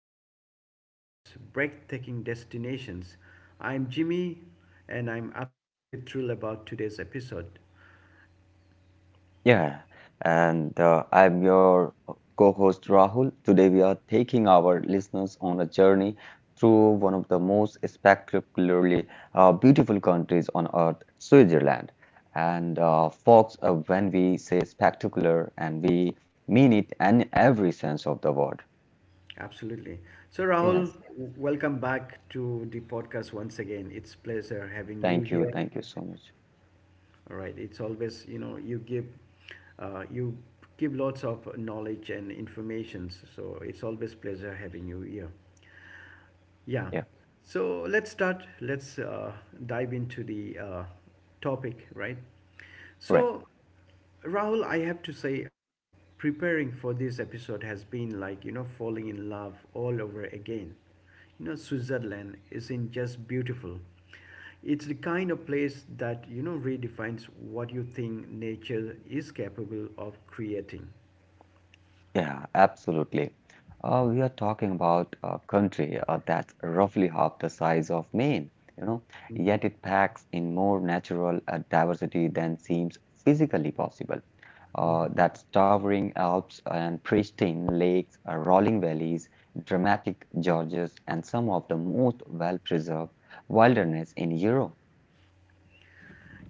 the world's most breathtaking destinations. I'm Jimmy and I'm absolutely thrilled about today's episode. Yeah, and I'm your co-host Rahul. Today we are taking our listeners on a journey through one of the most spectacularly beautiful countries on earth, Switzerland. And folks, when we say spectacular, and we mean it in every sense of the word. Absolutely. So, Yes, Rahul, welcome back to the podcast once again. It's pleasure having thank you you, here. thank you so much. All right, it's always, you know, you give lots of knowledge and informations, so it's always pleasure having you here. Yeah. Yeah, So let's start. Let's dive into the topic, right? right. So, Rahul, I have to say, preparing for this episode has been like, you know, falling in love all over again. You know, Switzerland isn't just beautiful, it's the kind of place that, you know, redefines what you think nature is capable of creating. Yeah, absolutely. We are talking about a country that's roughly half the size of Maine, you know, yet it packs in more natural diversity than seems physically possible. That's towering Alps and pristine lakes, rolling valleys, dramatic gorges, and some of the most well-preserved wilderness in Europe.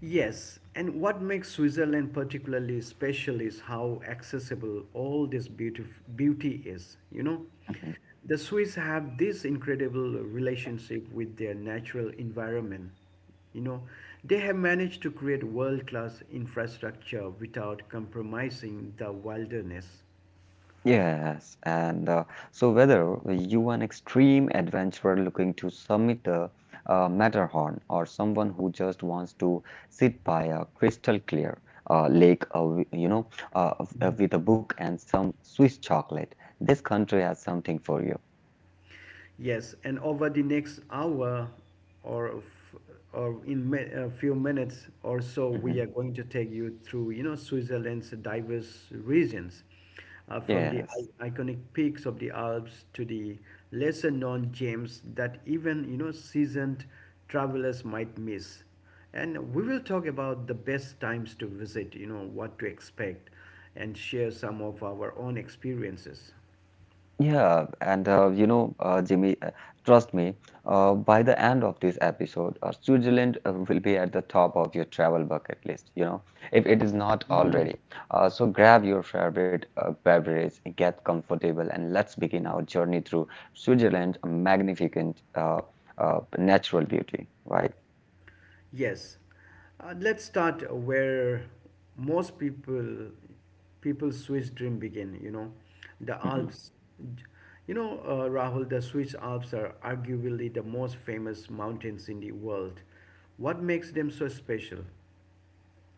Yes, and what makes Switzerland particularly special is how accessible all this beauty is. You know, Mm-hmm. the Swiss have this incredible relationship with their natural environment. You know, they have managed to create world class infrastructure without compromising the wilderness. Yes, and so whether you an extreme adventurer looking to summit the Matterhorn or someone who just wants to sit by a crystal clear lake, with a book and some Swiss chocolate, this country has something for you. Yes, and over the next hour or f- or in mi- a few minutes or so, we Mhm. are going to take you through, you know, Switzerland's diverse regions, from the Yes. Iconic peaks of the Alps to the lesser-known gems that even, you know, seasoned travelers might miss. And we will talk about the best times to visit, you know, what to expect, and share some of our own experiences. Yeah, and Jimmy, trust me, by the end of this episode, Switzerland will be at the top of your travel bucket list, you know, if it is not Mhm. already. So grab your favorite beverage, get comfortable, and let's begin our journey through Switzerland's magnificent natural beauty, right? Yes. Let's start where most people Swiss dream begin, you know, the Mhm. Alps. You know, Rahul, the Swiss Alps are arguably the most famous mountains in the world. What makes them so special?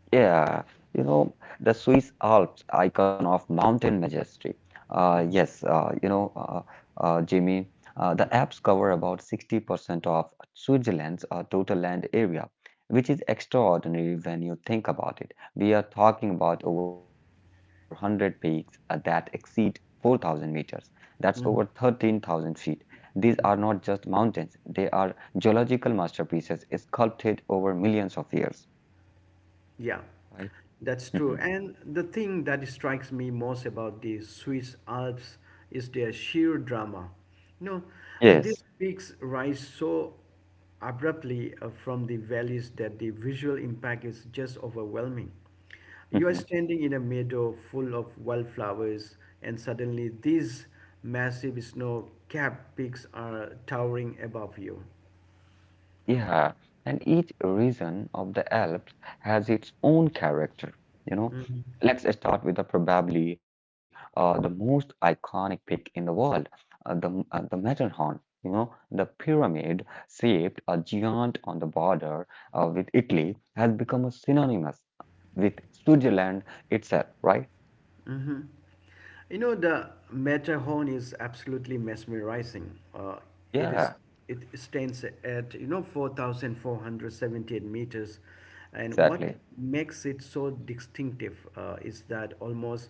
Yeah, you know, the Swiss Alps icon of mountain majesty. Yes, Jimmy, the Alps cover about 60% of Switzerland's total land area, which is extraordinary when you think about it. We are talking about over 100 peaks that exceed 4,000 meters. That's over 13,000 feet. These are not just mountains, they are geological masterpieces sculpted over millions of years, Yeah, right? that's Mhm. true. And the thing that strikes me most about the Swiss Alps is their sheer drama. You know, Yes. these peaks rise so abruptly from the valleys that the visual impact is just overwhelming. You Mhm. are standing in a meadow full of wildflowers, and suddenly these massive snow capped peaks are towering above you. Yeah, and each region of the Alps has its own character. You know, let's start with the probably the most iconic peak in the world, the Matterhorn. You know, the pyramid shaped a giant on the border with Italy has become a synonymous with Switzerland itself, right? You know, the Matterhorn is absolutely mesmerizing. It Yeah, is it stands at you know 4,478 meters, and what exactly. makes it so distinctive is that almost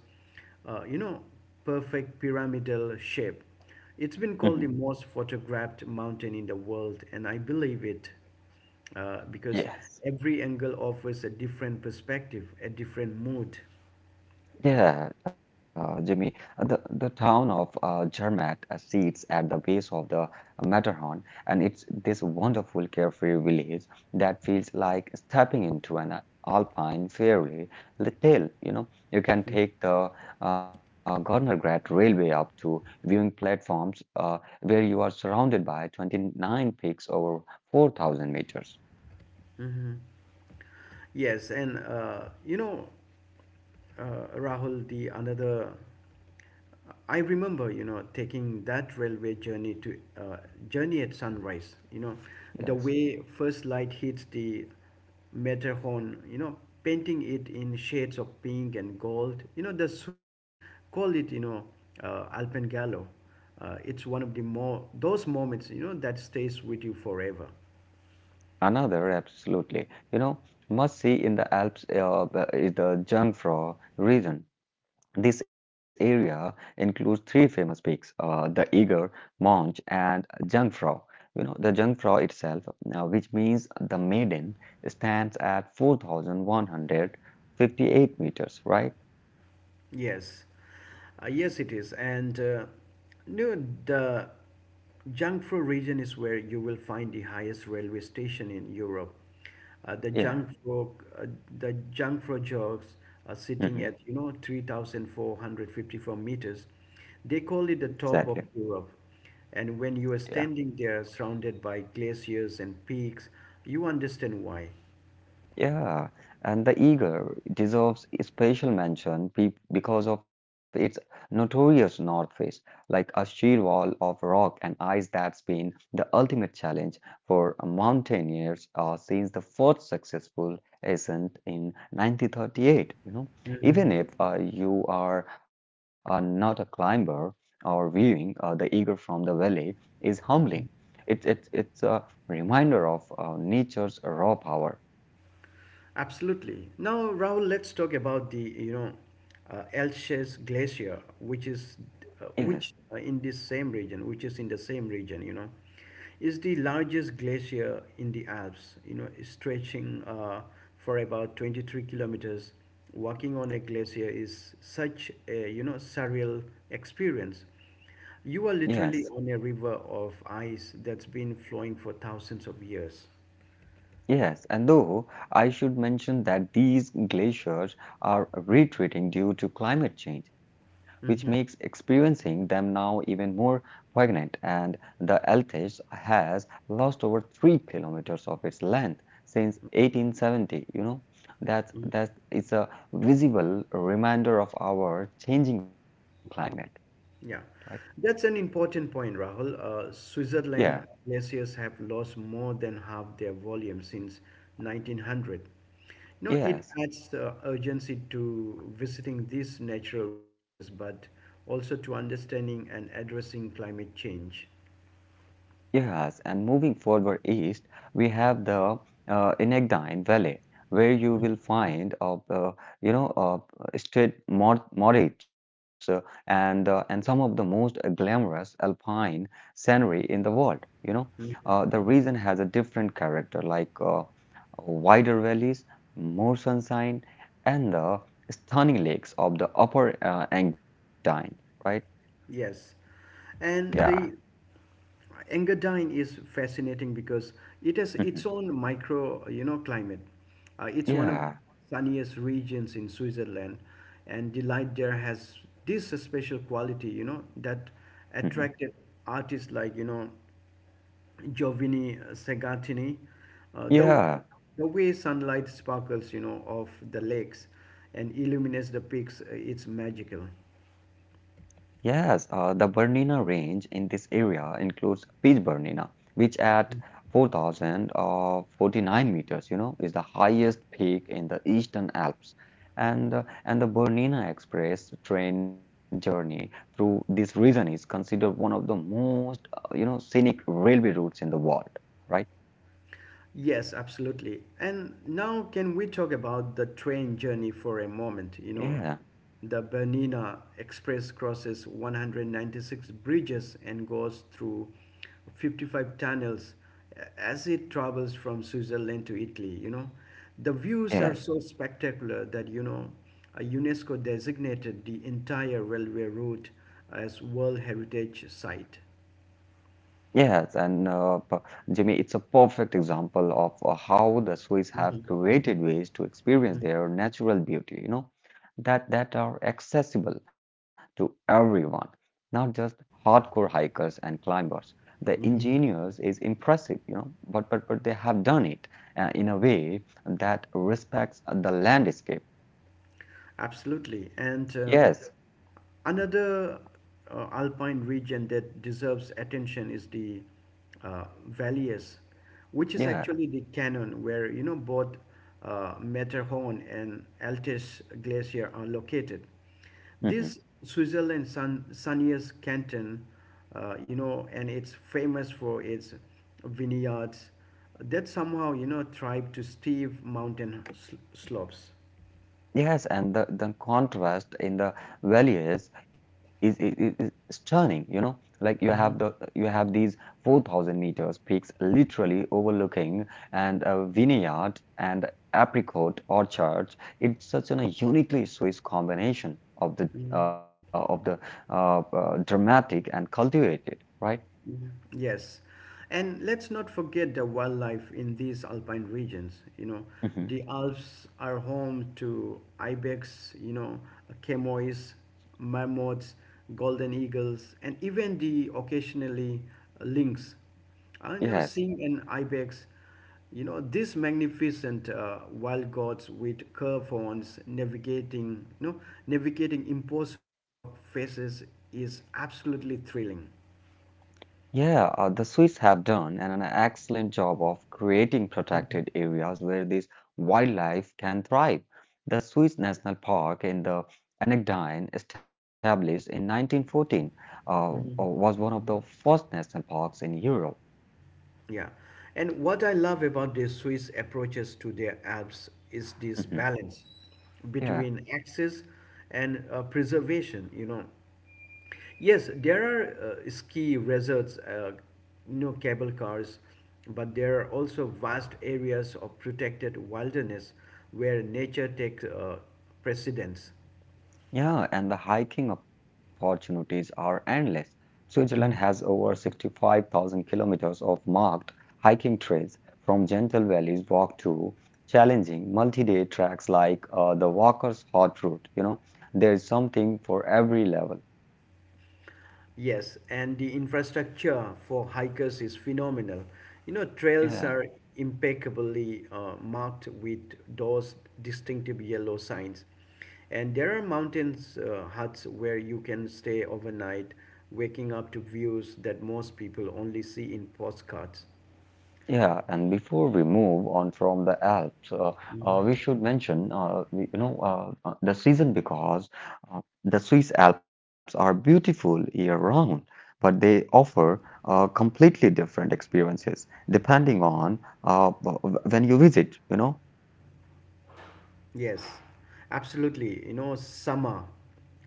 you know perfect pyramidal shape. It's been Hmm. called the most photographed mountain in the world, and I believe it because Yes. every angle offers a different perspective, a different mood. Yeah, Jimmy, the town of Zermatt sits at the base of the Matterhorn, and it's this wonderful carefree village that feels like stepping into an alpine fairy tale. You know, you can take the Gornergrat railway up to viewing platforms where you are surrounded by 29 peaks over 4,000 meters. Yes, and you know, uh, Rahul, the another, I remember, you know, taking that railway journey to journey at sunrise. You know, the Yes. way first light hits the Matterhorn, you know, painting it in shades of pink and gold. You know, the Swiss call it, you know, Alpengallo. It's one of the more those moments, you know, that stays with you forever. Another, absolutely. You know, must see in the Alps is the Jungfrau region. This area includes three famous peaks, the Eger, Monch, and Jungfrau. You know, the Jungfrau itself, which means the maiden, stands at 4,158 meters, right? Yes, yes, it is. And no, the Jiangsu region is where you will find the highest railway station in Europe. Uh, the Yeah, Jiangsu, uh, the Jiangsu jogs are sitting hmm, at you know 3,454 meters. They call it the exactly. top of Europe. And when you are Yeah. standing there, surrounded by glaciers and peaks, you understand why. Yeah, and the eagle deserves special mention be because of its notorious north face, like a sheer wall of rock and ice that's been the ultimate challenge for mountaineers since the first successful ascent in 1938. You know, even if you are not a climber or viewing the eagle from the valley is humbling. It's a reminder of nature's raw power. Absolutely. Now, Rahul, let's talk about the you know Elches Glacier, which is Yes. Which in this same region, which is in the same region, you know, is the largest glacier in the Alps. You know, stretching for about 23 kilometers. Walking on a glacier is such a you know surreal experience. You are Yes, literally on a river of ice that's been flowing for thousands of years. yes, and though I should mention that these glaciers are retreating due to climate change, which makes Mm-hmm. experiencing them now even more poignant, and the Altes has lost over 3 kilometers of its length since 1870. You know, that is a visible reminder of our changing climate, right? Yeah, that's an important point, Rahul. Yeah, Switzerland glaciers have lost more than half their volume since 1900. You know, it yes. adds urgency to visiting these natural wonders, but also to understanding and addressing climate change. Yes, and moving further east, we have the Inegdine Valley, where you will find of straight moraines and some of the most glamorous alpine scenery in the world. You know, the region has a different character, like wider valleys, more sunshine, and the stunning lakes of the Upper Engadine, right? Yes. And Yeah, the Engadine is fascinating because it has its own micro, you know, climate. It's one of the yeah. sunniest regions in Switzerland, and the light there has this special quality, you know, that Hmm. attracted artists like, you know, Giovanni Segatini. Uh, the, Yeah. the way sunlight sparkles, you know, off the lakes and illuminates the peaks, it's magical. Yes, the Bernina range in this area includes Peach Bernina, which at 4,049 meters, you know, is the highest peak in the Eastern Alps. And, and the Bernina Express train journey through this region is considered one of the most, scenic railway routes in the world, right? Yes, absolutely. And now, can we talk about the train journey for a moment? You know, Yeah, the Bernina Express crosses 196 bridges and goes through 55 tunnels as it travels from Switzerland to Italy. You know, the views yeah. are so spectacular that, you know, UNESCO designated the entire railway route as World Heritage Site. Yes, and Jimmy, it's a perfect example of how the Swiss have created ways to experience Mm, their natural beauty, you know, that are accessible to everyone, not just hardcore hikers and climbers. The engineers is impressive, you know, but they have done it in a way that respects the landscape. absolutely. And Yes, another alpine region that deserves attention is the Valles, which is yeah. actually the canyon where you know both Matterhorn and Altes glacier are located. Mhm. This Switzerland's sunniest canton, you know, and it's famous for its vineyards that somehow you know thrive to steep mountain slopes. Yes, and the contrast in the valleys is, is stunning, you know. Like you have the Mhm, you have these 4,000 meters peaks literally overlooking and a vineyard and apricot orchards. It's such an, a uniquely Swiss combination of the mhm. Dramatic and cultivated, right? Mhm. Yes. And let's not forget the wildlife in these alpine regions. You know, Hmm. the Alps are home to ibex, you know, chamois, marmots, golden eagles, and even the occasionally lynx. I know Yes. seeing an ibex, you know, these magnificent wild gods with curved horns navigating impossible rock faces is absolutely thrilling. Yeah, the Swiss have done an excellent job of creating protected areas where this wildlife can thrive. The Swiss National Park in the Engadine, established in 1914, uh, was one of the first national parks in Europe. Yeah. And what I love about the Swiss approaches to their Alps is this Mhm. balance Yeah. between access and preservation, you know. Yes, there are ski resorts, you know, cable cars, but there are also vast areas of protected wilderness where nature takes precedence. Yeah, and the hiking opportunities are endless. Switzerland has Mm-hmm. over 65,000 kilometers of marked hiking trails, from gentle valleys walk to challenging multi-day tracks like the Walker's Hot Route. You know, there's something for every level. Yes, and the infrastructure for hikers is phenomenal. You know, Yeah. trails are impeccably marked with those distinctive yellow signs. And there are mountains huts where you can stay overnight, waking up to views that most people only see in postcards. Yeah, and before we move on from the Alps, we should mention, the season because the Swiss Alps are beautiful year-round, but they offer completely different experiences depending on when you visit, you know. Yes, absolutely. You know, summer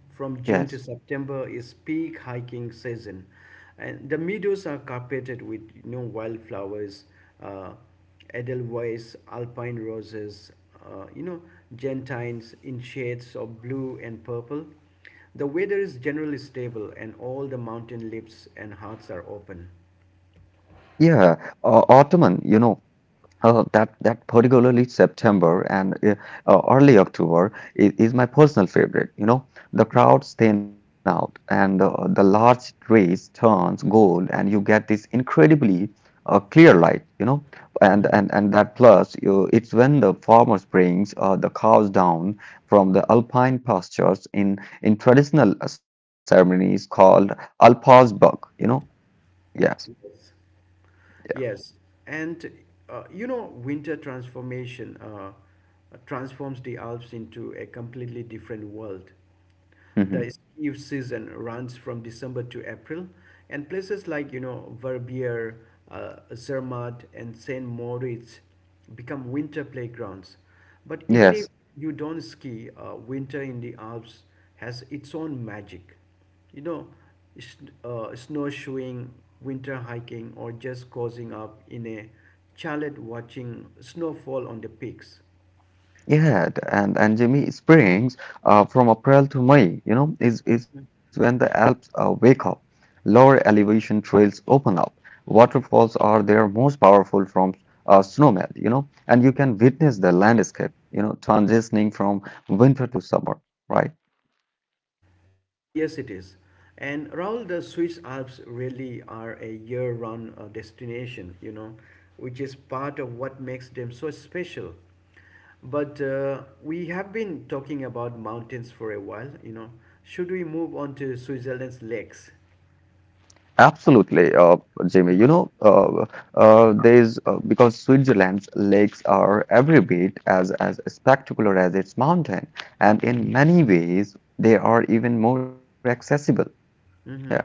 from June Yes. to September is peak hiking season, and the meadows are carpeted with you know wildflowers, uh, edelweiss, alpine roses, you know, gentians in shades of blue and purple. The weather is generally stable, and all the mountain lips and hearts are open. Yeah, autumn, you know. Oh, that particularly September and early October is my personal favorite. You know, the crowds thin out and the large trees turns gold, and you get this incredibly clear light. You know, and that plus you, it's when the farmers brings the cows down from the alpine pastures in traditional ceremonies called alpaz buck. You know, yes, Yes, and you know, winter transformation transforms the Alps into a completely different world. hmm, The ski season runs from December to April, and places like you know Verbier, Zermatt, and Saint Moritz become winter playgrounds. But even if yes. you don't ski, winter in the Alps has its own magic. You know, snowshoeing, winter hiking, or just cozying up in a chalet watching snowfall on the peaks. Yeah, d- and Jimmy Springs, from April to May, you know, is when the Alps wake up. Lower elevation trails open up. Waterfalls are their most powerful from snowmelt, you know, and you can witness the landscape, you know, transitioning from winter to summer, right? Yes, it is. And Raul, the Swiss Alps really are a year round destination, you know, which is part of what makes them so special. But we have been talking about mountains for a while, you know. Should we move on to Switzerland's lakes? Absolutely, Jimmy. You know, there's because Switzerland's lakes are every bit as spectacular as its mountain, and in many ways they are even more accessible. Yeah. Mm-hmm.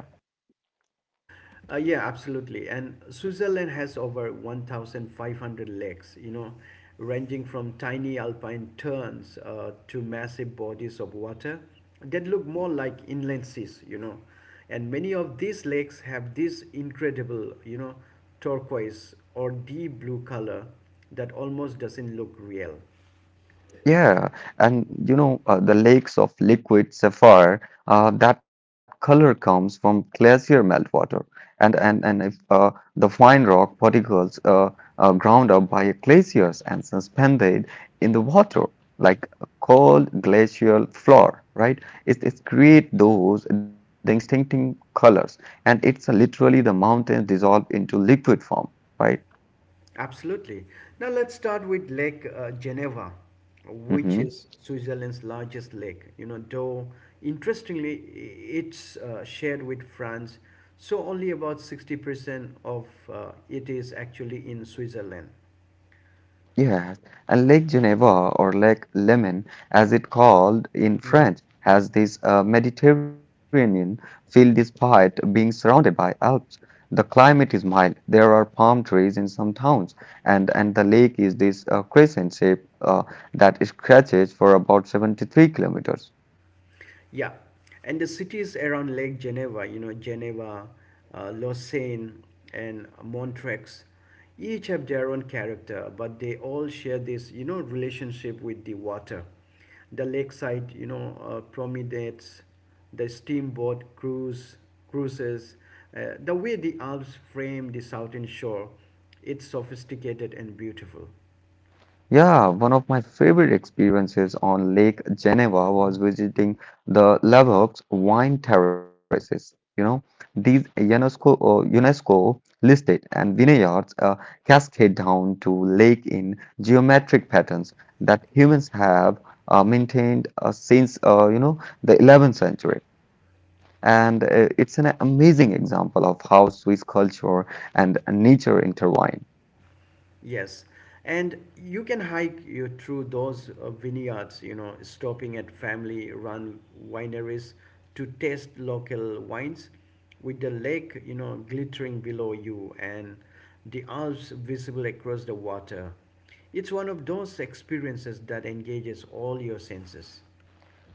Yeah, absolutely. And Switzerland has over 1,500 lakes, you know, ranging from tiny alpine turns to massive bodies of water that look more like inland seas, you know. And many of these lakes have this incredible, you know, turquoise or deep blue color that almost doesn't look real. Yeah, and you know, the lakes of liquid sapphire, that color comes from glacier meltwater. And if The fine rock particles are ground up by glaciers and suspended in the water, like a cold glacial floor, right? It create those distinctive colors, and it's literally the mountains dissolve into liquid form, right? Absolutely. Now let's start with Lake Geneva, which Mm-hmm. is Switzerland's largest lake. You know, though interestingly, it's shared with France, so only about 60% of it is actually in Switzerland. Yes, and Lake Geneva, or Lake Leman, as it called in French, has this Mediterranean feel despite being surrounded by Alps. The climate is mild. There are palm trees in some towns, and the lake is this crescent shape that stretches for about 73 kilometers. Yeah, and the cities around Lake Geneva, you know, Geneva, Lausanne, and Montreux, each have their own character, but they all share this, you know, relationship with the water. The lakeside, you know, promenades, the cruises, the way the Alps frame the southern shore, it's sophisticated and beautiful. Yeah, one of my favorite experiences on Lake Geneva was visiting the Lavaux wine terraces. You know, these UNESCO listed and vineyards cascade down to lake in geometric patterns that humans have maintained since you know the 11th century. And it's an amazing example of how Swiss culture and nature intertwine. Yes, and you can hike you through those vineyards, you know, stopping at family-run wineries to taste local wines, with the lake, you know, glittering below you and the Alps visible across the water. It's one of those experiences that engages all your senses.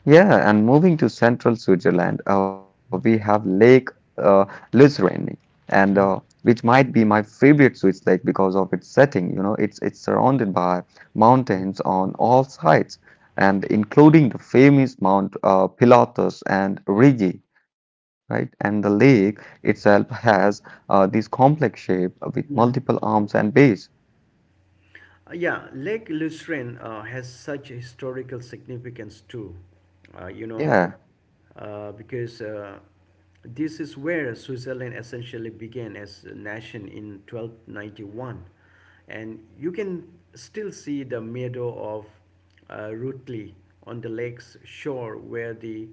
Yeah, and moving to central Switzerland, we have Lake uh, Luzern, and Mm, which might be my favorite Swiss lake because of its setting. You know, it's surrounded by mountains on all sides, and including the famous Mount Pilatus and Rigi, right? And the lake itself has this complex shape with multiple mm, arms and bays. Yeah, Lake Lucerne has such historical significance too, you know, Yeah. Because this is where Switzerland essentially began as a nation in 1291. And you can still see the meadow of Rutli on the lake's shore where the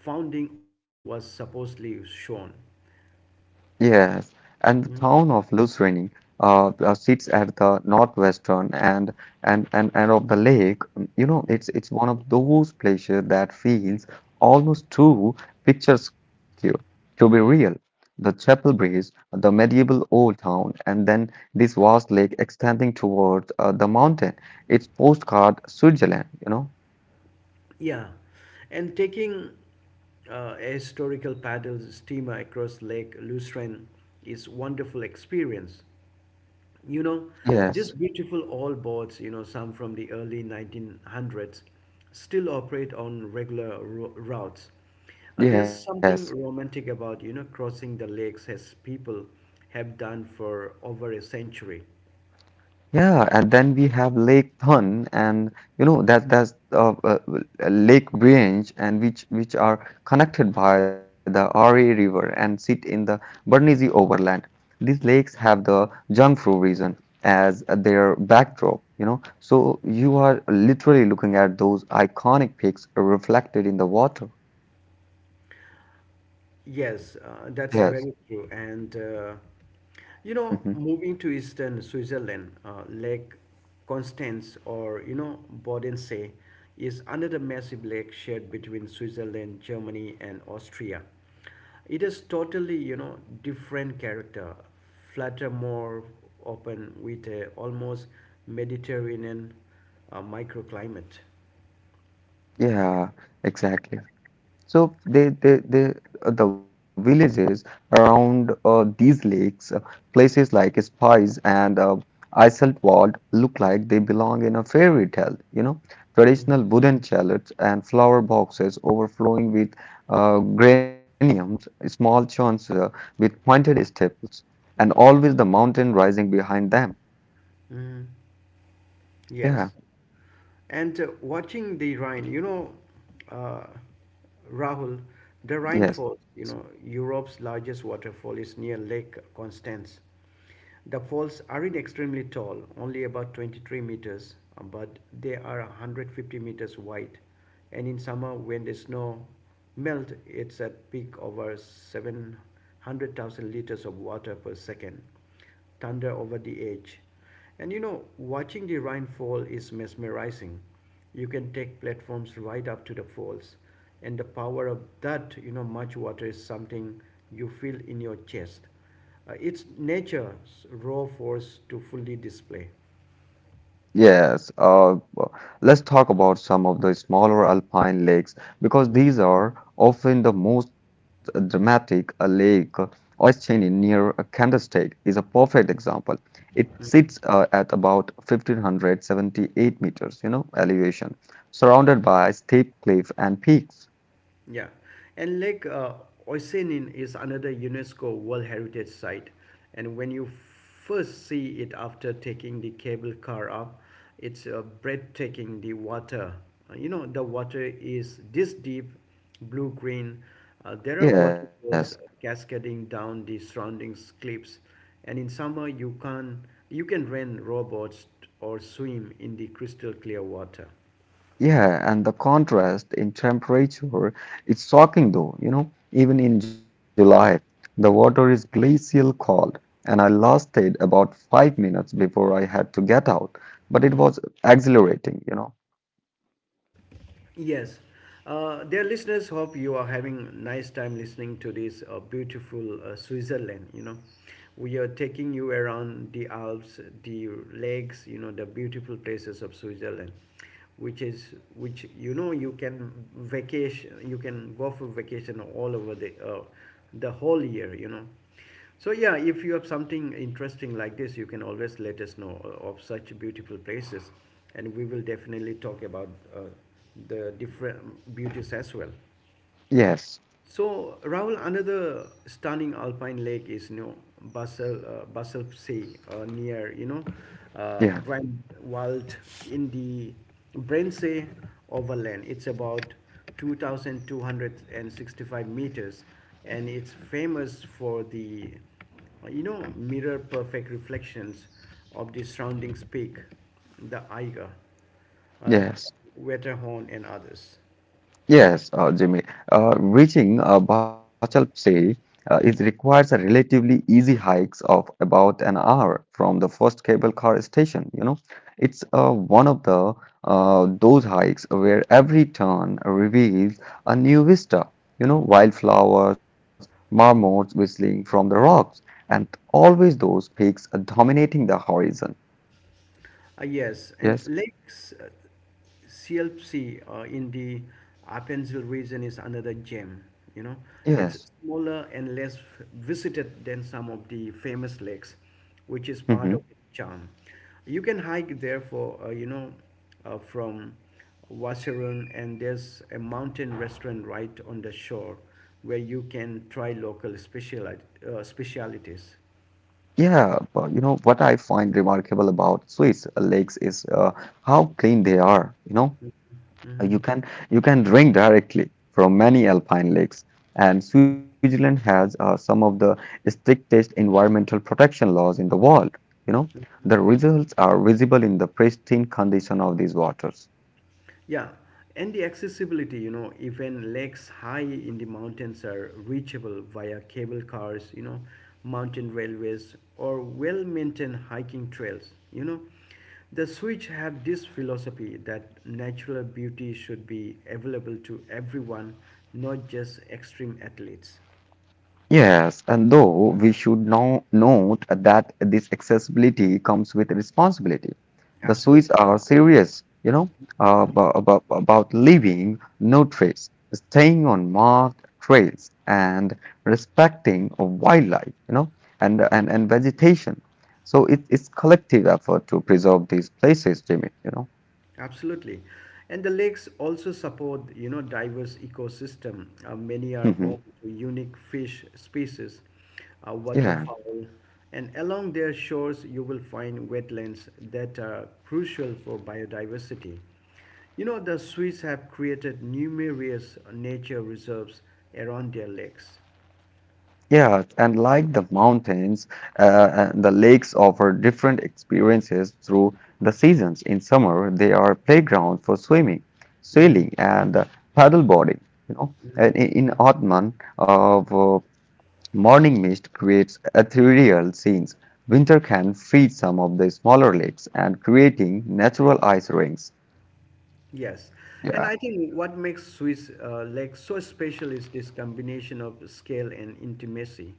founding oat was supposedly shown. Yes, and the town of Lucerne sits at the northwestern and of the lake. Mm. You know, it's one of those places that feels almost too picturesque to be real. The chapel bridge, the medieval old town, and then this vast lake extending towards the mountain. It's postcard Switzerland, you know? Yeah, and taking a historical paddle steamer across Lake Lucerne is wonderful experience. You know, these Yes, beautiful old boats, you know, some from the early 1900s, still operate on regular routes. There's yes. something romantic about, you know, crossing the lakes as people have done for over a century. Yeah, and then we have Lake Thun, and you know that's Lake branch, and which are connected by the Aare River and sit in the Bernese overland. These lakes have the Jiangsu region as their backdrop, you know. So you are literally looking at those iconic peaks reflected in the water. Yes, Yes. that's very true. And you know, Hmm. moving to eastern Switzerland, Lake Constance or you know Bodensee is another massive lake shared between Switzerland, Germany, and Austria. It is totally you know different character, flatter, more open, with a almost Mediterranean microclimate. Yeah, exactly. So the villages around these lakes, places like Spies and Isselwald look like they belong in a fairy tale. You know, traditional wooden chalets and flower boxes overflowing with geraniums, small churns with pointed staples, and always the mountain rising behind them. Mhm. Yeah, Yes. And watching the Rhine, you know, uh, Rahul, the Rhine yes. Falls, you know, Europe's largest waterfall is near Lake Constance. The falls aren't extremely tall, only about 23 meters, but they are 150 meters wide. And in summer, when the snow melt, it's at peak over 700,000 liters of water per second thunder over the edge. And you know, watching the rain fall is mesmerizing. You can take platforms right up to the falls, and the power of that, you know, much water is something you feel in your chest. It's nature's raw force to fully display. Let's talk about some of the smaller alpine lakes because Mhm. these are often the most dramatic. A lake Oisin near a Candlestick is a perfect example. It Mhm. sits at about 1578 meters, you know, elevation, surrounded by steep cliff and peaks. Yeah, and Lake Oisinin is another UNESCO World Heritage Site. And when you first see it after taking the cable car up, it's breathtaking. The water, you know, the water is this deep, blue green. There are Yes. waterfalls cascading down the surrounding cliffs, and in summer you can rent rowboats or swim in the crystal clear water. Yeah, and the contrast in temperature, it's shocking though, even in July, the water is glacial cold, and I lasted about 5 minutes before I had to get out, but it was exhilarating. Yes. Dear listeners, hope you are having nice time listening to this beautiful Switzerland. You know, we are taking you around the Alps, the lakes. You know, the beautiful places of Switzerland, which you know you can vacation, you can go for vacation all over the whole year. You know, so yeah, if you have something interesting like this, you can always let us know of such beautiful places, and we will definitely talk about uh, the different beauties as well. Yes, So, Rahul, another stunning alpine lake is you know Basel Basel Sea near you know yeah, Grand Wald in the Brensee Overland. It's about 2,265 meters, and it's famous for the you know mirror perfect reflections of the surrounding peak, the Eiger uh, yes. Wetterhorn, and others. Yes, Jimmy. Reaching Bacalpse is requires a relatively easy hikes of about an hour from the first cable car station. It's one of the those hikes where every turn reveals a new vista. You know, wildflowers, marmots whistling from the rocks, and always those peaks dominating the horizon. Yes, and Yes, lakes CLC in the Appenzell region is another gem. You know, it's yes. smaller and less visited than some of the famous lakes, which is part of its charm. You can hike there for you know from Waserun, and there's a mountain restaurant right on the shore where you can try specialities. Yeah, but you know what I find remarkable about Swiss lakes is how clean they are. You know, Uh, Hmm. you can you can drink directly from many alpine lakes, and Hmm. Switzerland has some of the strictest environmental protection laws in the world. You know, the results are visible in the pristine condition of these waters. Yeah, and the accessibility, you know, even lakes high in the mountains are reachable via cable cars, you know, mountain railways, or well maintained hiking trails, you know. The Swiss have this philosophy that natural beauty should be available to everyone, not just extreme athletes. Yes, and though we should now note that this accessibility comes with responsibility. The Swiss Absolutely. are serious, you know, about leaving no trace, staying on marked trails, and respecting of wildlife, and vegetation. So it's collective effort to preserve these places, Jimmy, you know. Absolutely. And the lakes also support, you know, diverse ecosystem. Many are home Hmm. to unique fish species, Yeah. waterfowl, and along their shores you will find wetlands that are crucial for biodiversity. You know, the Swiss have created numerous nature reserves around their lakes. Yeah, and like the mountains, and the lakes offer different experiences through the seasons. In summer, they are playground for swimming, Mhm. sailing, and paddleboarding. You know, Mhm. and I- in autumn, of morning mist creates ethereal scenes. Winter can freeze some of the smaller lakes and creating natural ice rings. Yes, and I think what makes Swiss Lake so special is this combination of scale and intimacy.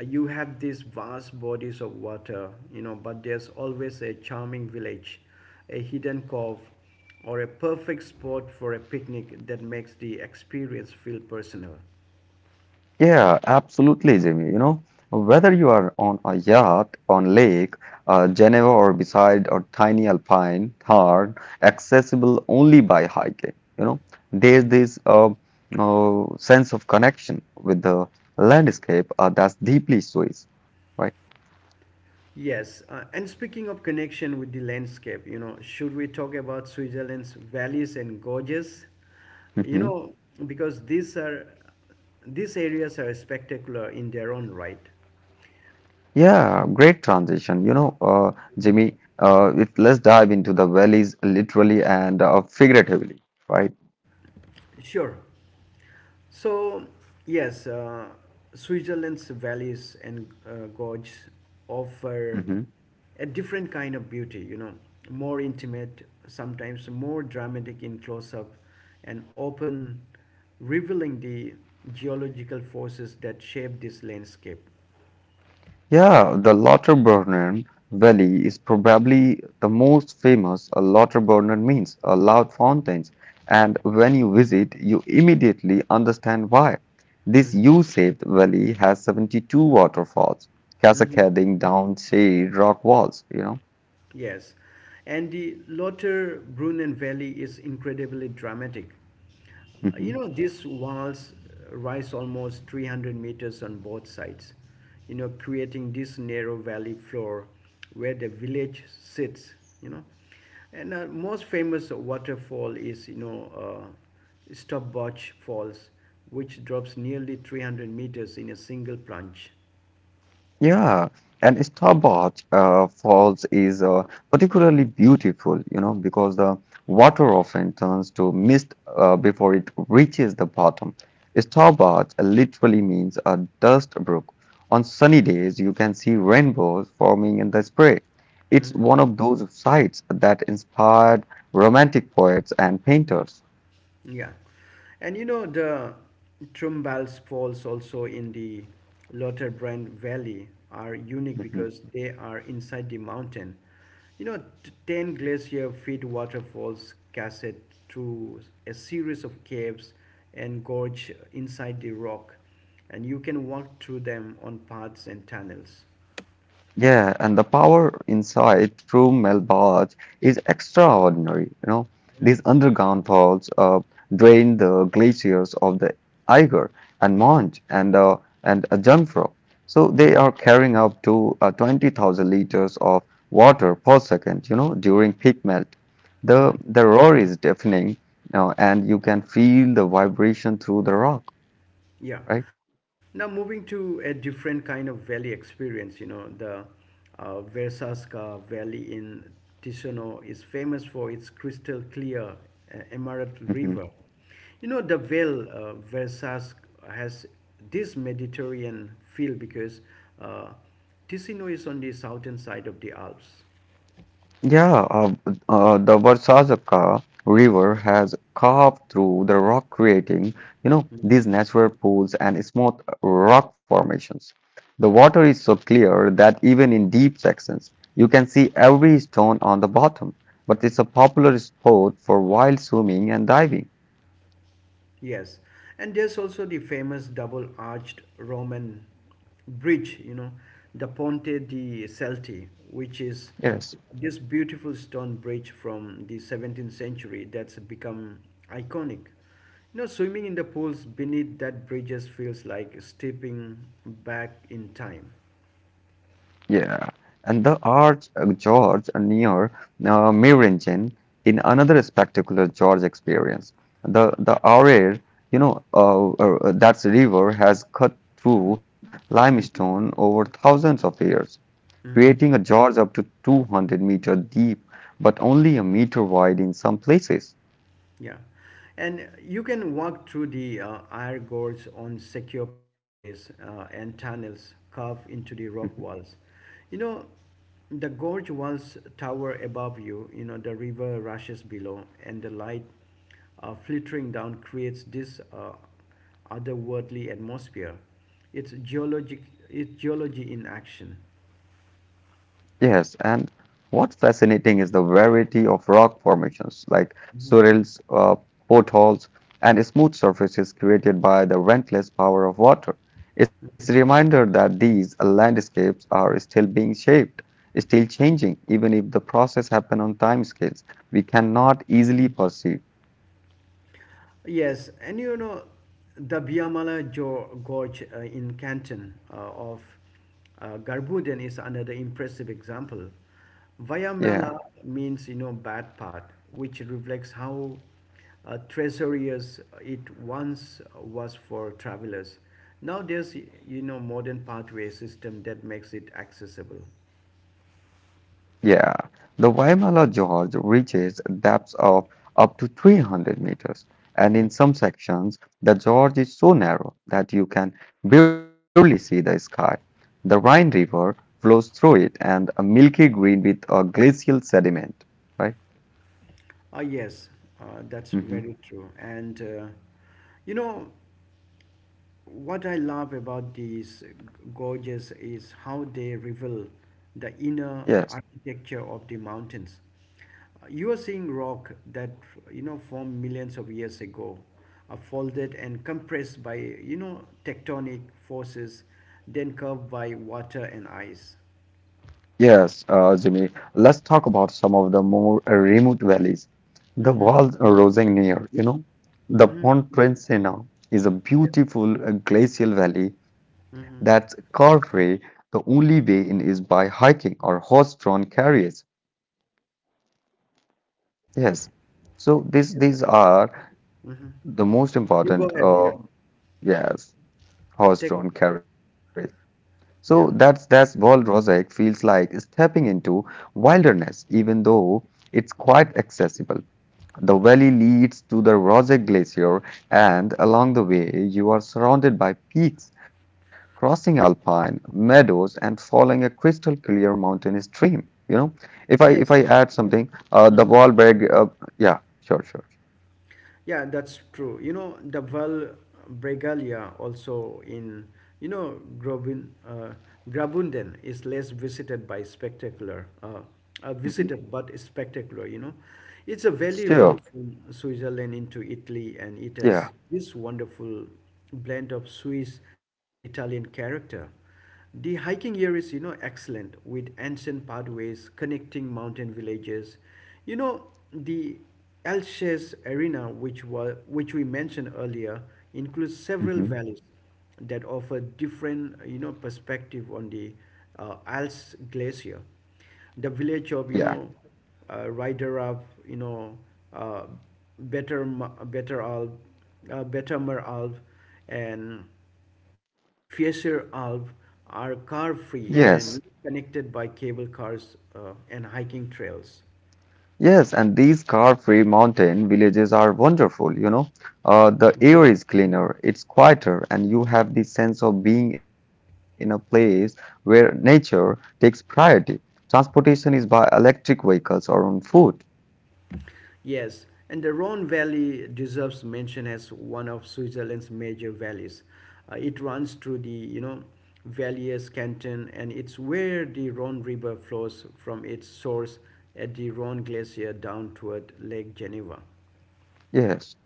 You have these vast bodies of water, you know, but there's always a charming village, a hidden cove, or a perfect spot for a picnic that makes the experience feel personal. Yeah, absolutely, Jimmy. You know, whether you are on a yacht, on lake, Geneva, or beside a tiny alpine hard, accessible only by hiking, you know, there's this sense of connection with the landscape that's deeply Swiss, right? Yes, and speaking of connection with the landscape, you know, should we talk about Switzerland's valleys and gorges? You Hmm. know, because these areas are spectacular in their own right. Yeah, great transition. You know, Jimmy, let's dive into the valleys literally and figuratively, right? Sure. So, yes, Switzerland's valleys and gorges offer Mm-hmm. a different kind of beauty, you know, more intimate, sometimes more dramatic in close up, and often revealing the geological forces that shape this landscape. Yeah, the Lauterbrunnen Valley is probably the most famous. A Lauterbrunnen means a loud fountains, and when you visit, you immediately understand why. This U-shaped valley has 72 waterfalls Mhm. cascading down shade rock walls, you know. Yes, and the Lothar Brunnen Valley is incredibly dramatic. Mm-hmm. You know, these walls rise almost 300 meters on both sides, you know, creating this narrow valley floor where the village sits, you know. And most famous waterfall is, you know, Stopbotch Falls, which drops nearly 300 meters in a single plunge. Yeah, and Starboard Falls is particularly beautiful, you know, because the water often turns to mist before it reaches the bottom. Starboard literally means a dust brook. On sunny days, you can see rainbows forming in the spray. It's Mm-hmm. one of those sights that inspired romantic poets and painters. Yeah, and you know the Trumbals Falls also in the Lauterbrunn Valley are unique because they are inside the mountain. You know, ten glacier feed waterfalls cascade through a series of caves and gorge inside the rock, and you can walk through them on paths and tunnels. Yeah, and the power inside true Melbarge is extraordinary. You know, Mhm. these underground faults drain the glaciers of the Eiger and Monge and Jungfrau. So they Mhm. are carrying up to 20,000 liters of water per second. You know, during peak melt, Mhm. the roar is deafening, you know, and you can feel the vibration through the rock, Yeah. right? Now moving to a different kind of valley experience, you know, the Versasca Valley in Ticino is famous for its crystal clear emerald river. You know, the Vale Versasca has this Mediterranean feel because uh, Ticino is on the southern side of the Alps. Yeah, the Varsazaka River has carved through the rock, creating, you know, these natural pools and smooth rock formations. The water is so clear that even in deep sections, you can see every stone on the bottom. But it's a popular spot for wild swimming and diving. Yes, and there's also the famous double arched Roman bridge, you know, the Ponte di Celti, which is Yes. this beautiful stone bridge from the 17th century that's become iconic. You know, swimming in the pools beneath that bridge just feels like stepping back in time. Yeah, and the Arch George near Meiringen in Mhm. another spectacular George experience. The Aare, you know, that river has cut through limestone over thousands of years, Mhm. creating a gorge up to 200 meter deep, but only a meter wide in some places. Yeah, and you can walk through the Eyre Gorge on secure pathways and tunnels carved into the Hmm. rock walls. You know, the gorge walls tower above you, you know, the river rushes below, and the light filtering down creates this otherworldly atmosphere. It's, geologic, it's geology in action. Yes, and what's fascinating is the variety of rock formations like swirls, potholes, and smooth surfaces created by the relentless power of water. It's a reminder that these landscapes are still being shaped, still changing, even if the process happen on time scales we cannot easily perceive. Yes, and you know the Gorge in Canton of Garbuden is another impressive example. Yeah. Vayamala means you know bad part, which reflects how treacherous it once was for travelers. Now there's you know modern pathway system that makes it accessible. Yeah, the Waimala Gorge reaches depths of up to 300 meters, and in some sections, the gorge is so narrow that you can barely see the sky. The Rhine River flows through it and a milky green with a glacial sediment, right? Ah yes, that's Hmm. very true. And you know, what I love about these gorges is how they reveal the inner Yes. architecture of the mountains. You are seeing rock that you know formed millions of years ago, folded and compressed by you know tectonic forces, then curved by water and ice. Yes, Jimmy, let's talk about some of the more remote valleys. The Mm-hmm. Val Rosegnier, you know, the Mm-hmm. Pontresina is a Yes. beautiful glacial valley that's Mm-hmm. carefree. The only way in is by hiking or horse-drawn carriage. Yes, so Yes. these are Mm-hmm. the most You go important, ahead. Yeah. Yes, Take it. horse-drawn carriage. So that's Yeah. that's Wall Rosette feels like stepping into wilderness, even though it's quite accessible. The valley leads to the Rosette Glacier, and along the way, you are surrounded by peaks, crossing alpine meadows, and following a crystal clear mountain stream. You know, if I Yes. add something, the Mm-hmm. Wahlberg, yeah, sure, sure, Yeah, that's true. You know, the Val Bregalia also in, you know, Grobin, Grabunden is less visited by spectacular, hmm visited but spectacular, you know. It's a valley sure, road from Switzerland into Italy and it yeah, has this wonderful blend of Swiss and Italian character. The hiking here is, you know, excellent with ancient pathways connecting mountain villages. You know, the Alsace Arena, which we mentioned earlier, includes several hmm valleys that offer different, you know, perspective on the Alps Glacier. The village of, yeah, you know, Ryderab, you know, uh, Better Alp, Bettermer Alp, and Fisher Alps are car-free yes. and connected by cable cars and hiking trails. Yes, and these car-free mountain villages are wonderful, you know. The air is cleaner, it's quieter, and you have the sense of being in a place where nature takes priority. Transportation is by electric vehicles or on foot. Yes, and the Rhone Valley deserves mention as one of Switzerland's major valleys. It runs through the, you know, Valais canton, and it's where the Rhone River flows from its source at the Rhone Glacier down toward Lake Geneva. Yes.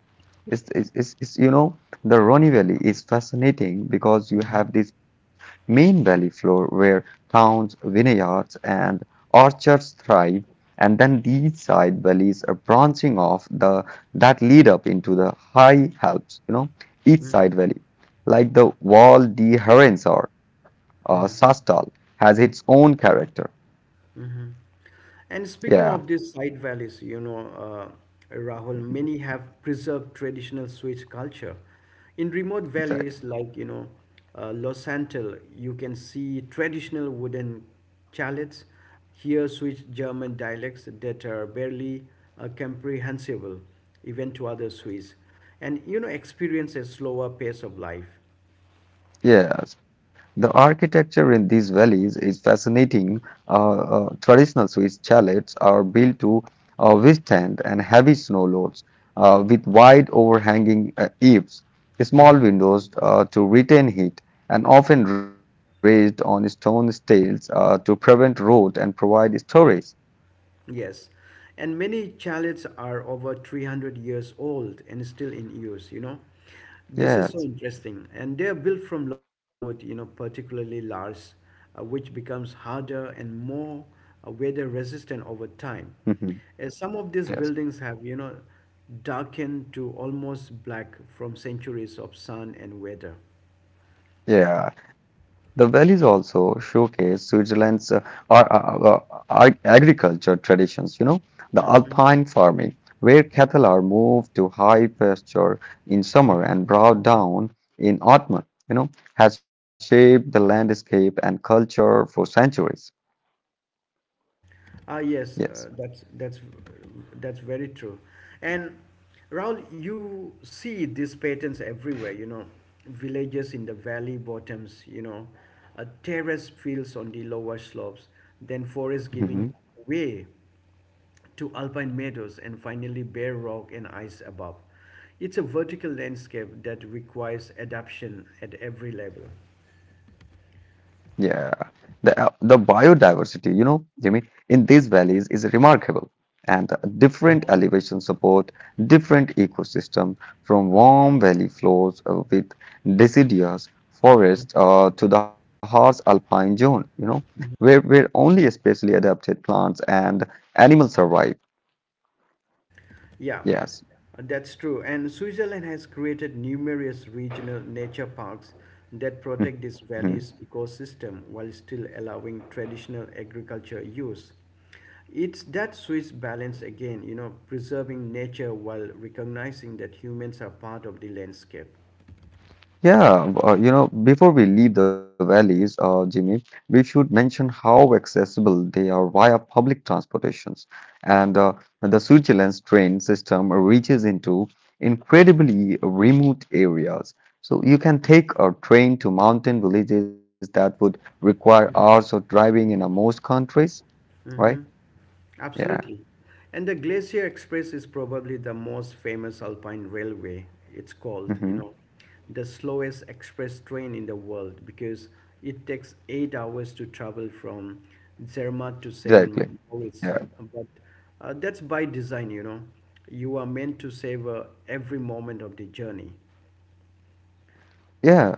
It's, you know, the Rhone Valley is fascinating because you Mhm, have this main valley floor where towns, vineyards, and orchards thrive, and then these side valleys are branching off the that lead up into the high Alps, you know, each side valley, like the Val di Herensor or mhm. Sastal, has its own character. Mhm. And speaking Yeah, of these side valleys, you know, Rahul, many have preserved traditional Swiss culture. In remote valleys like, you know, Los Santos, you can see traditional wooden chalets, hear Swiss German dialects that are barely comprehensible even to other Swiss, and, you know, experience a slower pace of life. yes, the architecture in these valleys is fascinating. Traditional Swiss chalets are built to withstand and heavy snow loads with wide overhanging eaves, small Mm-hmm. windows to retain heat, and often raised on stone stales to prevent rot and provide storage. Yes, and many chalets are over 300 years old and still in use, you know. This is so Yes. interesting. And they are built from local wood, you know, particularly larch, which becomes harder and more weather resistant over time. Some of these buildings Yes. have, you know, darkened to almost black from centuries of sun and weather. Yeah, the valleys also showcase Switzerland's agriculture traditions, you know, the Mhm. alpine farming, where cattle are moved to high pasture in summer and brought down in autumn, you know, has shaped the landscape and culture for centuries. Ah, yes, Yes. That's very true. And Raul, you see these patterns everywhere. You know, villages in the valley bottoms. You know, terrace fields on the lower slopes, then forest giving way to alpine meadows, and finally bare rock and ice above. It's a vertical landscape that requires adaptation at every level. Yeah, the the biodiversity, you know, Jimmy, in these valleys is remarkable, and the different elevation support different ecosystem from warm valley floors with deciduous forest to the harsh alpine zone, you know, where only especially adapted plants and animals survive. Yeah, Yes. That's true. And Switzerland has created numerous regional nature parks that protect this Mm-hmm. valley's ecosystem while still allowing traditional agriculture use. It's that Swiss balance again, you know, preserving nature while recognizing that humans are part of the landscape. Yeah, you know, before we leave the valleys, Jimmy, we should mention how accessible they are via public transportations. And the Switzerland's train system reaches into incredibly remote areas. So you can take a train to mountain villages that would require hours of driving in most countries, right? Yeah, Absolutely. And the Glacier Express is probably the most famous alpine railway, it's called, you hmm know, the slowest express train in the world because it takes 8 hours to travel from Zermatt to St. exactly. Moritz. Yeah. But that's by design, you know. You are meant to savor every moment of the journey. Yeah,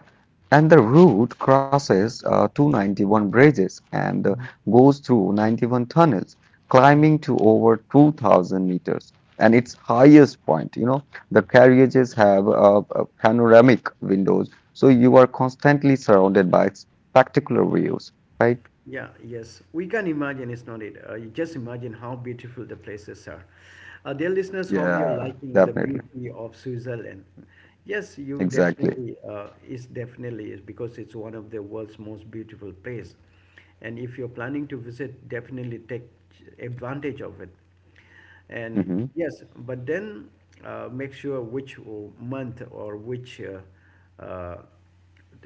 and the route crosses 291 bridges and Mhm. goes through 91 tunnels, climbing to over 2,000 meters. And its highest point, you know, the carriages have panoramic windows, so you are constantly surrounded by spectacular views, right? Yeah, yes. We can imagine it's not it. You just imagine how beautiful the places are. Dear listeners, hope you're Yeah, liking the definitely. beauty of Switzerland. Yes, you Exactly. definitely is because it's one of the world's most beautiful place. And if you're planning to visit, definitely take advantage of it. And Hmm. yes, but then make sure which month or which,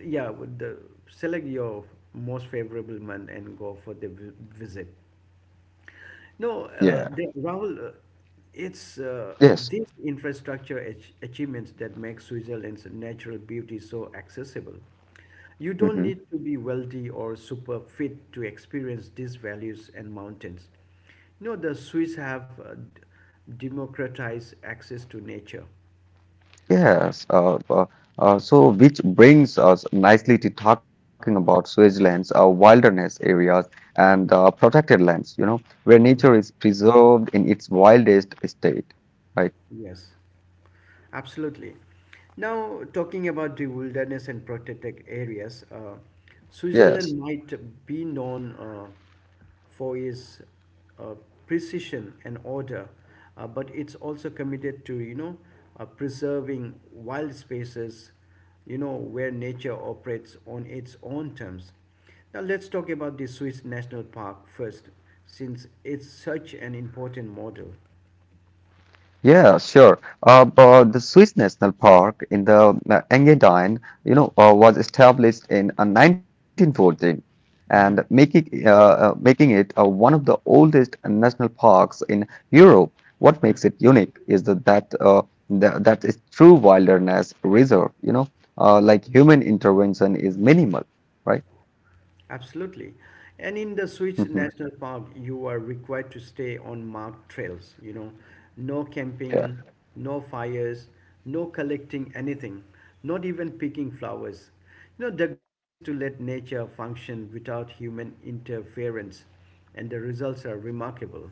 yeah, select your most favorable month and go for the visit. No, Yeah. Rahul, it's Yes. these infrastructure achievements that make Switzerland's natural beauty so accessible. You don't Mm-hmm. need to be wealthy or super fit to experience these values and mountains. You know, the Swiss have democratized access to nature. Yes, so which brings us nicely to talking about switchlands, wilderness areas, and protected lands, you know, where nature is preserved in its wildest state, right? Yes, absolutely. Now, talking about the wilderness and protected areas, Yes. Switzerland might be known for its uh, precision and order, but it's also committed to, you know, preserving wild spaces, you know, where nature operates on its own terms. Now, let's talk about the Swiss National Park first, since it's such an important model. Yeah, sure. But the Swiss National Park in the Engadine, you know, was established in 1914 and Hmm. making making it one of the oldest national parks in Europe. What makes it unique is that that is true wilderness reserve, you know, like human intervention is minimal, right? Absolutely. And in the Hmm. Swiss National Park, you are required to stay on marked trails, you know, no camping, no fires, no collecting anything, not even picking flowers. You know, the goal is to let nature function without human interference, and the results are remarkable.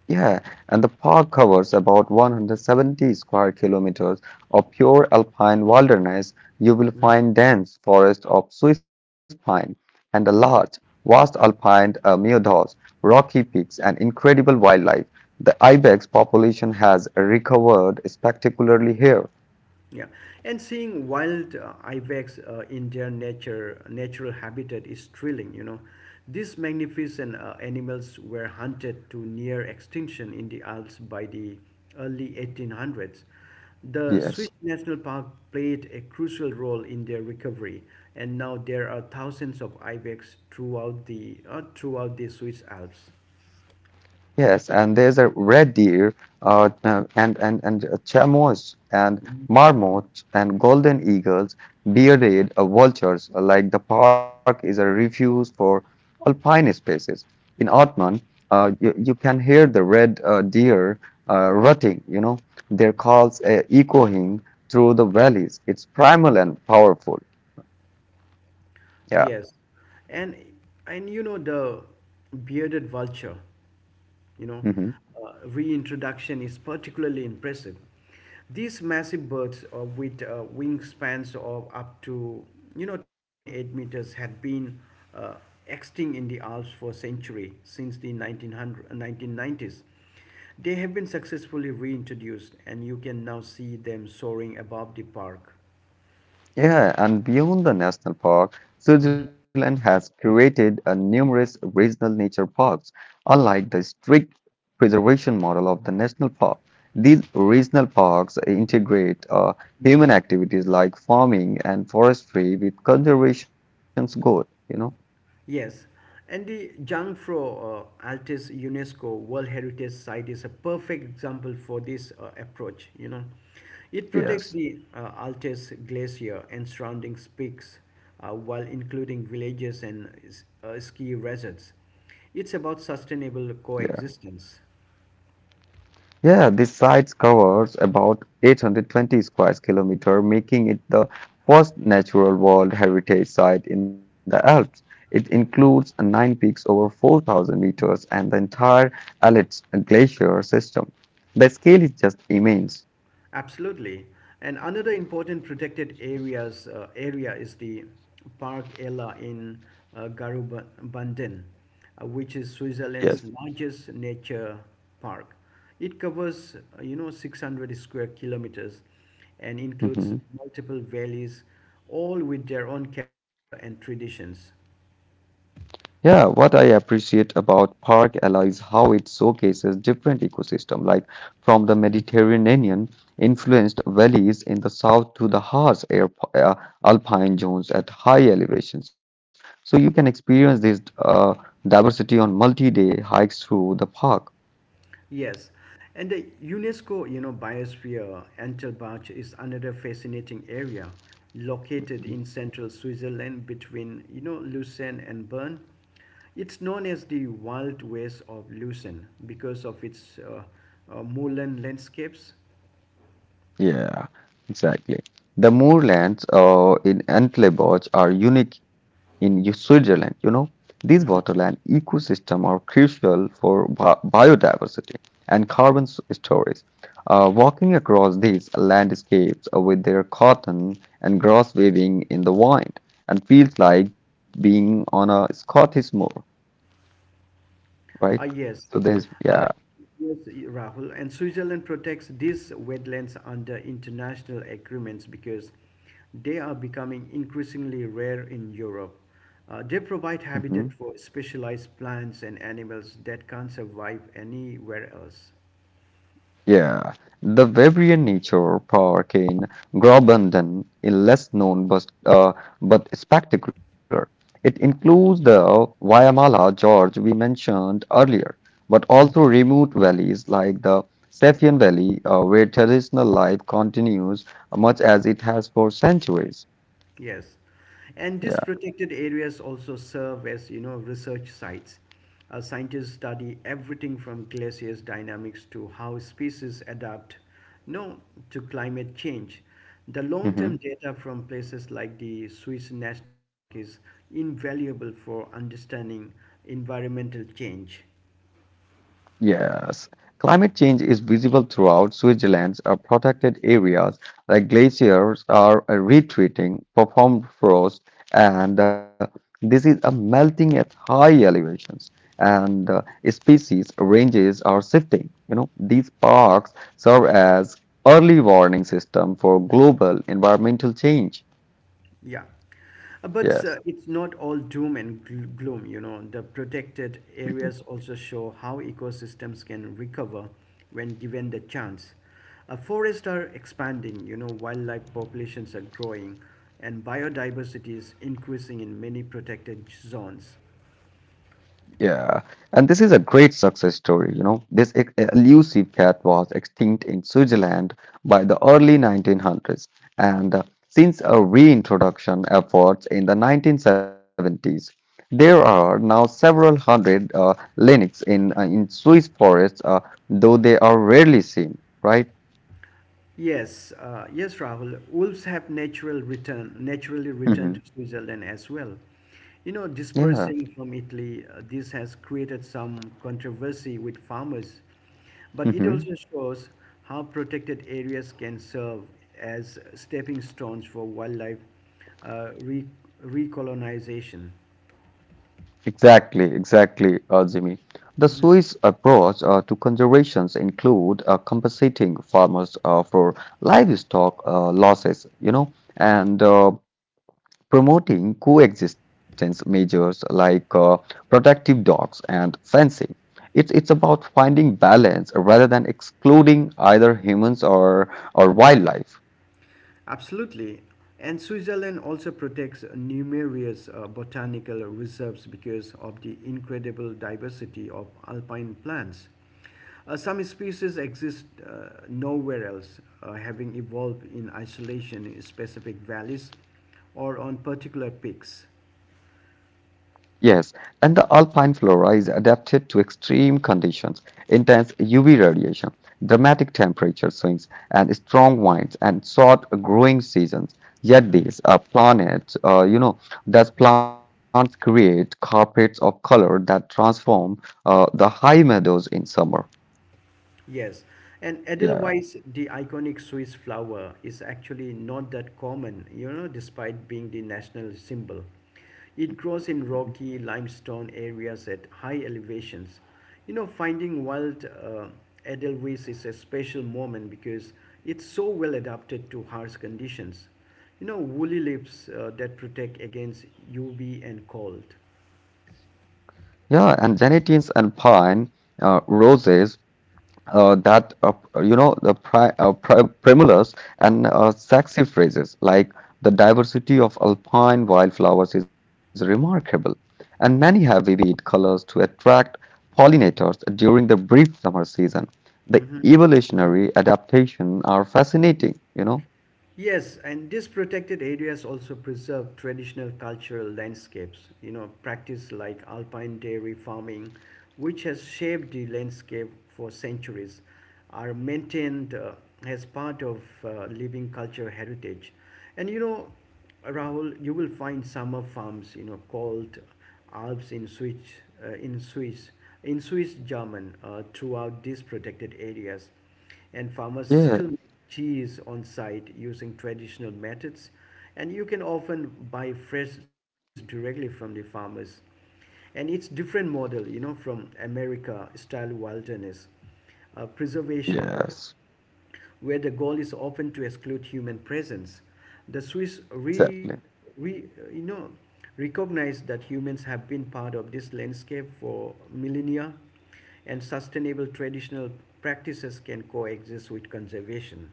Yeah, and the park covers about 170 square kilometers of pure alpine wilderness. You will find dense forests of Swiss pine and a large, vast alpine meadows, rocky peaks, and incredible wildlife. The ibex population has recovered spectacularly here. Yeah, and seeing wild ibex in their nature natural habitat is thrilling. You know, these magnificent animals were hunted to near extinction in the Alps by the early 1800s. The Swiss Yes. National Park played a crucial role in their recovery, and now there are thousands of ibex throughout the Swiss Alps. Yes, and there's a red deer, no, and a chamois, and marmot, and golden eagles, bearded vultures. Like the park is a refuge for alpine species. In Otman, you can hear the red deer rutting. You know, their calls echoing through the valleys. It's primal and powerful. Yeah. Yes. And and you know the bearded vulture, you know, Mm-hmm. Reintroduction is particularly impressive. These massive birds with wingspans of up to, you know, 2.8 meters had been uh, extinct in the Alps for a century since the 1990s. They have been successfully reintroduced, and you can now see them soaring above the park. Yeah, and beyond the national park, Mm-hmm. Switzerland has created a numerous regional nature parks. Unlike the strict preservation model of the national park, these regional parks integrate human activities like farming and forestry with conservation's goal, you know? Yes, and the Jungfrau Altis UNESCO World Heritage Site is a perfect example for this approach. You know, it protects Yes. the Altis Glacier and surrounding peaks, while including villages and ski resorts. It's about sustainable coexistence. Yeah, this site covers about 820 square kilometer, making it the first natural world heritage site in the Alps. It includes nine peaks over 4,000 meters and the entire Alps glacier system. The scale is just immense. Absolutely. And another important protected areas area is the Park Ella in Garubandin, which is Yes. Switzerland's largest nature park. It covers, 600 square kilometers and includes multiple valleys, all with their own character and traditions. Yeah, what I appreciate about Park Ella is how it showcases different ecosystems, like from the Hmm. Mediterranean influenced valleys in the south to the harsh air, alpine zones at high elevations. So you can experience this diversity on multi-day hikes through the park. Yes, and the UNESCO, you know, biosphere Entelbach is another fascinating area located in central Switzerland between, you know, Lucerne and Bern. It's known as the Wild West of Lucerne because of its moorland landscapes. Yeah, exactly. The moorlands in Antlebosch are unique in Switzerland. You know, these waterland ecosystems are crucial for biodiversity and carbon storage. Walking across these landscapes with their cotton and grass waving in the wind and feels like being on a Scottish moor, right? Yes. So there's Uh, yeah. yes, Rahul. And Switzerland protects these wetlands under international agreements because they are becoming increasingly rare in Europe. They Mm-hmm. provide habitat for specialized plants and animals that can't survive anywhere else. Yeah, the Waverly Nature Park in Graubünden is less known, but spectacular. It includes the Wyamala Gorge we mentioned earlier, but Hmm. also remote valleys like the Safian Valley, where traditional life continues much as it has for centuries. Yes. And these Yeah. protected areas also serve as, you know, research sites. Scientists study everything from glaciers dynamics to how species adapt, you know, to climate change. The long-term data from places like the Swiss National Park is invaluable for understanding environmental change. Yes, climate change is visible throughout Switzerland's protected areas, like glaciers are retreating, performed frost, and this is a melting at high elevations, and species ranges are shifting. You know, these parks serve as early warning system for global environmental change. Yeah. But Yes. it's not all doom and gloom, you know. The protected areas also show how ecosystems can recover when given the chance. Forests are expanding, you know, wildlife populations are growing, and biodiversity is increasing in many protected zones. Yeah, and this is a great success story. You know, this elusive cat was extinct in Switzerland by the early 1900s, and since a reintroduction efforts in the 1970s, there are now several hundred lynx in Swiss forests, though they are rarely seen. Right? Yes, yes, Rahul. Wolves have natural return, naturally returned to Hmm. Switzerland as well. You know, Yeah. dispersing from Italy, this has created some controversy with farmers, but it also shows how protected areas can serve as stepping stones for wildlife uh, re- recolonization. Exactly, exactly, Jimmy. The Mm-hmm. Swiss approach to conservations include compensating farmers for livestock losses, you know, and promoting coexistence measures like protective dogs and fencing. It's about finding balance rather than excluding either humans or wildlife. Absolutely. And Switzerland also protects numerous botanical reserves because of the incredible diversity of alpine plants. Some species exist nowhere else, having evolved in isolation in specific valleys or on particular peaks. Yes, and the alpine flora is adapted to extreme conditions, intense UV radiation, dramatic temperature swings, and strong winds and short growing seasons. Yet these are planets, thus plants create carpets of color that transform the high meadows in summer. Yes, and Yeah. Edelweiss, the iconic Swiss flower, is actually not that common, you know, despite being the national symbol. It grows in rocky limestone areas at high elevations. You know, finding wild Edelweiss is a special moment because it's so well adapted to harsh conditions. You know, woolly leaves that protect against UV and cold. Yeah, and Genetians and pine roses that you know the primulas and sexy phrases like the diversity of alpine wildflowers is remarkable, and many have vivid colors to attract pollinators during the brief summer season. The Mm-hmm. evolutionary adaptation are fascinating, you know? Yes, and these protected areas also preserve traditional cultural landscapes, you know, practice like alpine dairy farming, which has shaped the landscape for centuries, are maintained as part of living culture heritage. And you know, Rahul, you will find summer farms, you know, called Alps in Swiss, in Swiss German, throughout these protected areas, and farmers Yeah, still make cheese on site using traditional methods, and you can often buy fresh cheese directly from the farmers. And it's different model, you know, from America style wilderness preservation, yes, where the goal is often to exclude human presence. The Swiss exactly. re, you know, recognize that humans have been part of this landscape for millennia, and sustainable traditional practices can coexist with conservation.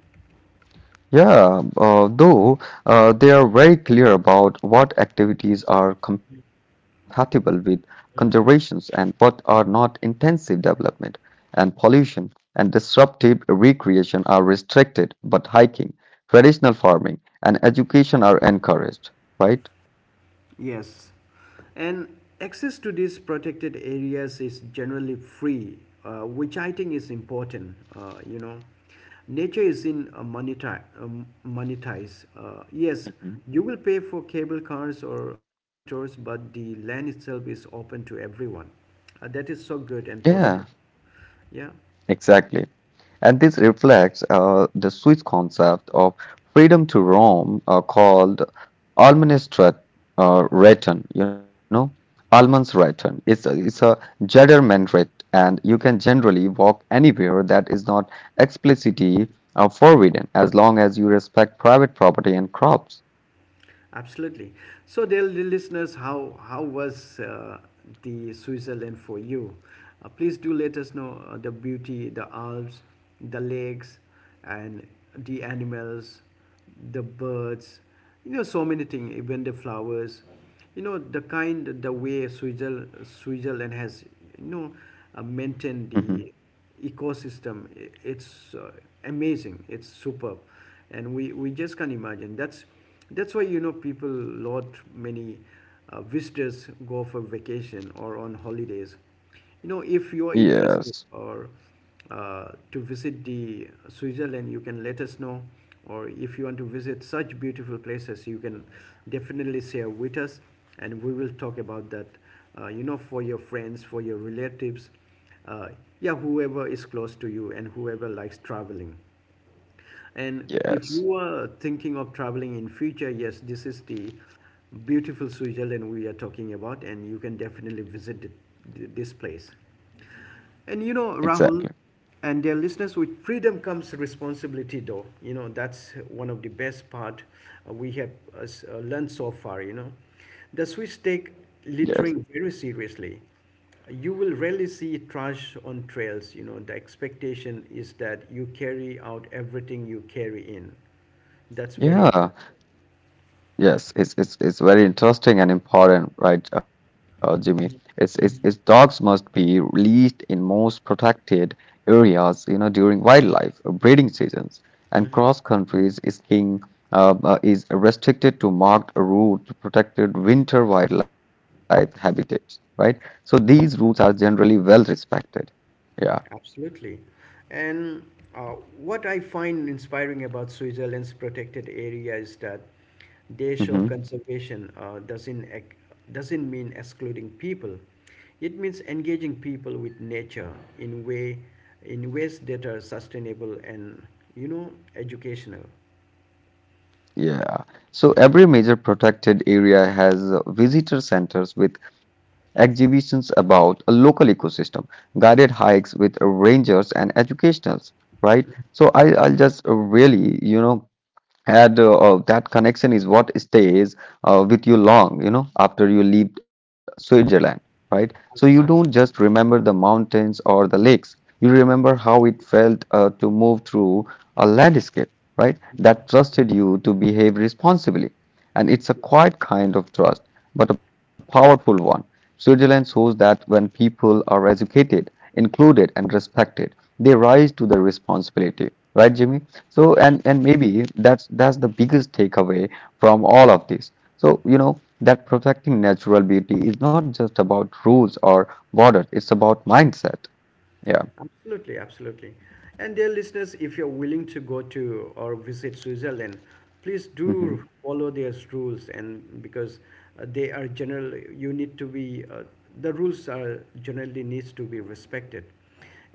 Yeah, though they are very clear about what activities are compatible with conservations, and what are not: intensive development and pollution and disruptive recreation are restricted, but hiking, traditional farming, and education are encouraged, right? Yes, and access to these protected areas is generally free, which I think is important. You know, nature is in monetize. Monetize. Yes, Mhm. you will pay for cable cars or guided tours, but the land itself is open to everyone. That is so good Yeah, and positive. Yeah. exactly. And this reflects the Swiss concept of freedom to roam, called Almanstrat return, Almansretten. It's a Jedermanrecht, and you can generally walk anywhere that is not explicitly forbidden, as long as you respect private property and crops. Absolutely. So, dear listeners, how was the Switzerland for you? Please do let us know the beauty, the Alps, the lakes, and the animals, the birds. You know, so many things. Even the flowers. You know, the kind, the way Switzerland has, you know, maintained Mhm. the ecosystem. It's amazing, it's superb, and we just can't imagine. That's why, you know, people lot many visitors go for vacation or on holidays. You know, if you are Yes, interested, or to visit the Switzerland, you can let us know, or if you want to visit such beautiful places, you can definitely share with us, and we will talk about that, you know, for your friends, for your relatives, uh, yeah, whoever is close to you and whoever likes traveling. And if yes, you are thinking of traveling in future, yes, this is the beautiful Switzerland we are talking about, and you can definitely visit this place. And you know, exactly. Rahul and their listeners, with freedom comes responsibility, though. You know, that's one of the best part we have learned so far, you know. The Swiss take Yes. littering very seriously. You will rarely see trash on trails, you know. The expectation is that you carry out everything you carry in. That's very Yeah. Yes, it's very interesting and important, right, Jimmy? It's Dogs important. must be released in most protected areas, you know, during wildlife breeding seasons. And cross countries is king, is restricted to marked route to protected winter wildlife habitats, right? So these rules are generally well respected. Yeah. Absolutely. And what I find inspiring about Switzerland's protected area is that they show Mm-hmm. conservation doesn't mean excluding people. It means engaging people with nature in way in ways that are sustainable and, you know, educational. Yeah. So every major protected area has visitor centers with exhibitions about a local ecosystem, guided hikes with rangers and educationals, right? So I'll just really, and that connection is what stays with you long after you leave Switzerland, right? So you don't just Absolutely. remember the mountains or the lakes, you remember how it felt to move through a landscape, right, that trusted you to behave responsibly, and it's a quiet kind of trust, but a powerful one. Switzerland shows that when people are educated, included, and respected, they rise to their responsibility. Right, Jimmy? So, and Absolutely. and maybe that's the biggest takeaway from all of this. So, you know that protecting natural beauty is not just about rules or borders; it's about mindset. Yeah. Absolutely, absolutely. And dear listeners, if you're willing to go to or visit Switzerland, please do Hmm. follow their rules, and because they are general, you need to be, the rules are generally needs to be respected.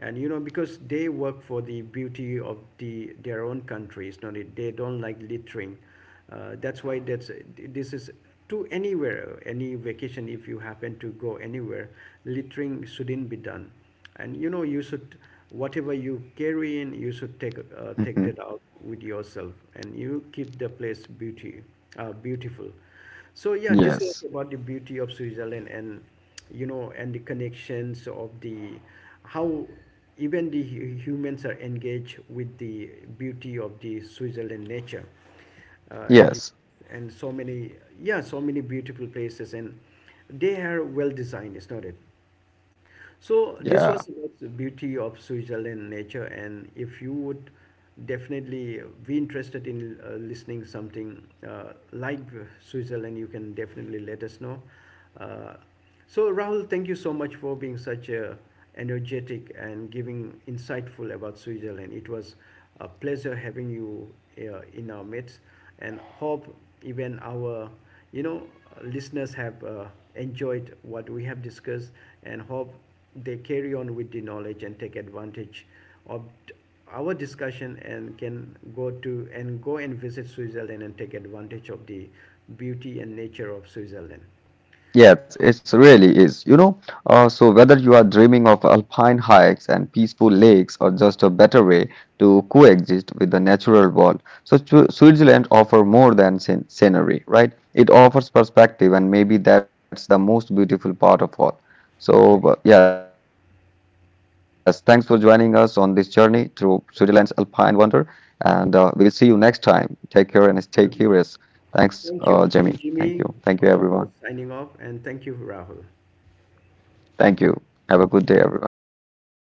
And you know, because they work for the beauty of the their own countries, not it, they don't like littering. That's why, that's, this is, to anywhere, any vacation, if you happen to go anywhere, littering shouldn't be done, and you know you should, whatever you carry in you should take take Hmm. that out with yourself, and you keep the place beauty beautiful. So yeah, this is Yes. about the beauty of Switzerland, and you know, and the connections of the how even the humans are engaged with the beauty of the Switzerland nature, and the, Yes. and so many, yeah, so many beautiful places, and they are well designed, is not it. So this Yeah. was about the beauty of Switzerland nature, and if you would definitely be interested in listening something like Switzerland, you can definitely let us know. Uh, so Rahul, thank you so much for being such a energetic and giving insightful about Switzerland. It was a pleasure having you in our midst, and hope even our, you know, listeners have enjoyed what we have discussed, and hope they carry on with the knowledge and take advantage of our discussion and can go to and go and visit Switzerland and take advantage of the beauty and nature of Switzerland. Yes, it really is. So whether you are dreaming of alpine hikes and peaceful lakes or just a better way to coexist with the natural world, so Switzerland offers more than scenery, right? It offers perspective, and maybe that's the most beautiful part of all. So, Yeah, yes, thanks for joining us on this journey through Switzerland's alpine wonder, and we will see you next time. Take care and stay curious. absolutely. Thanks, Jimmy. Thank Thank you. you. I'm Thank you, Jimmy, everyone. on the host signing off, and thank you, Rahul. Thank you. Have a good day, everyone. Thank you. Thank you.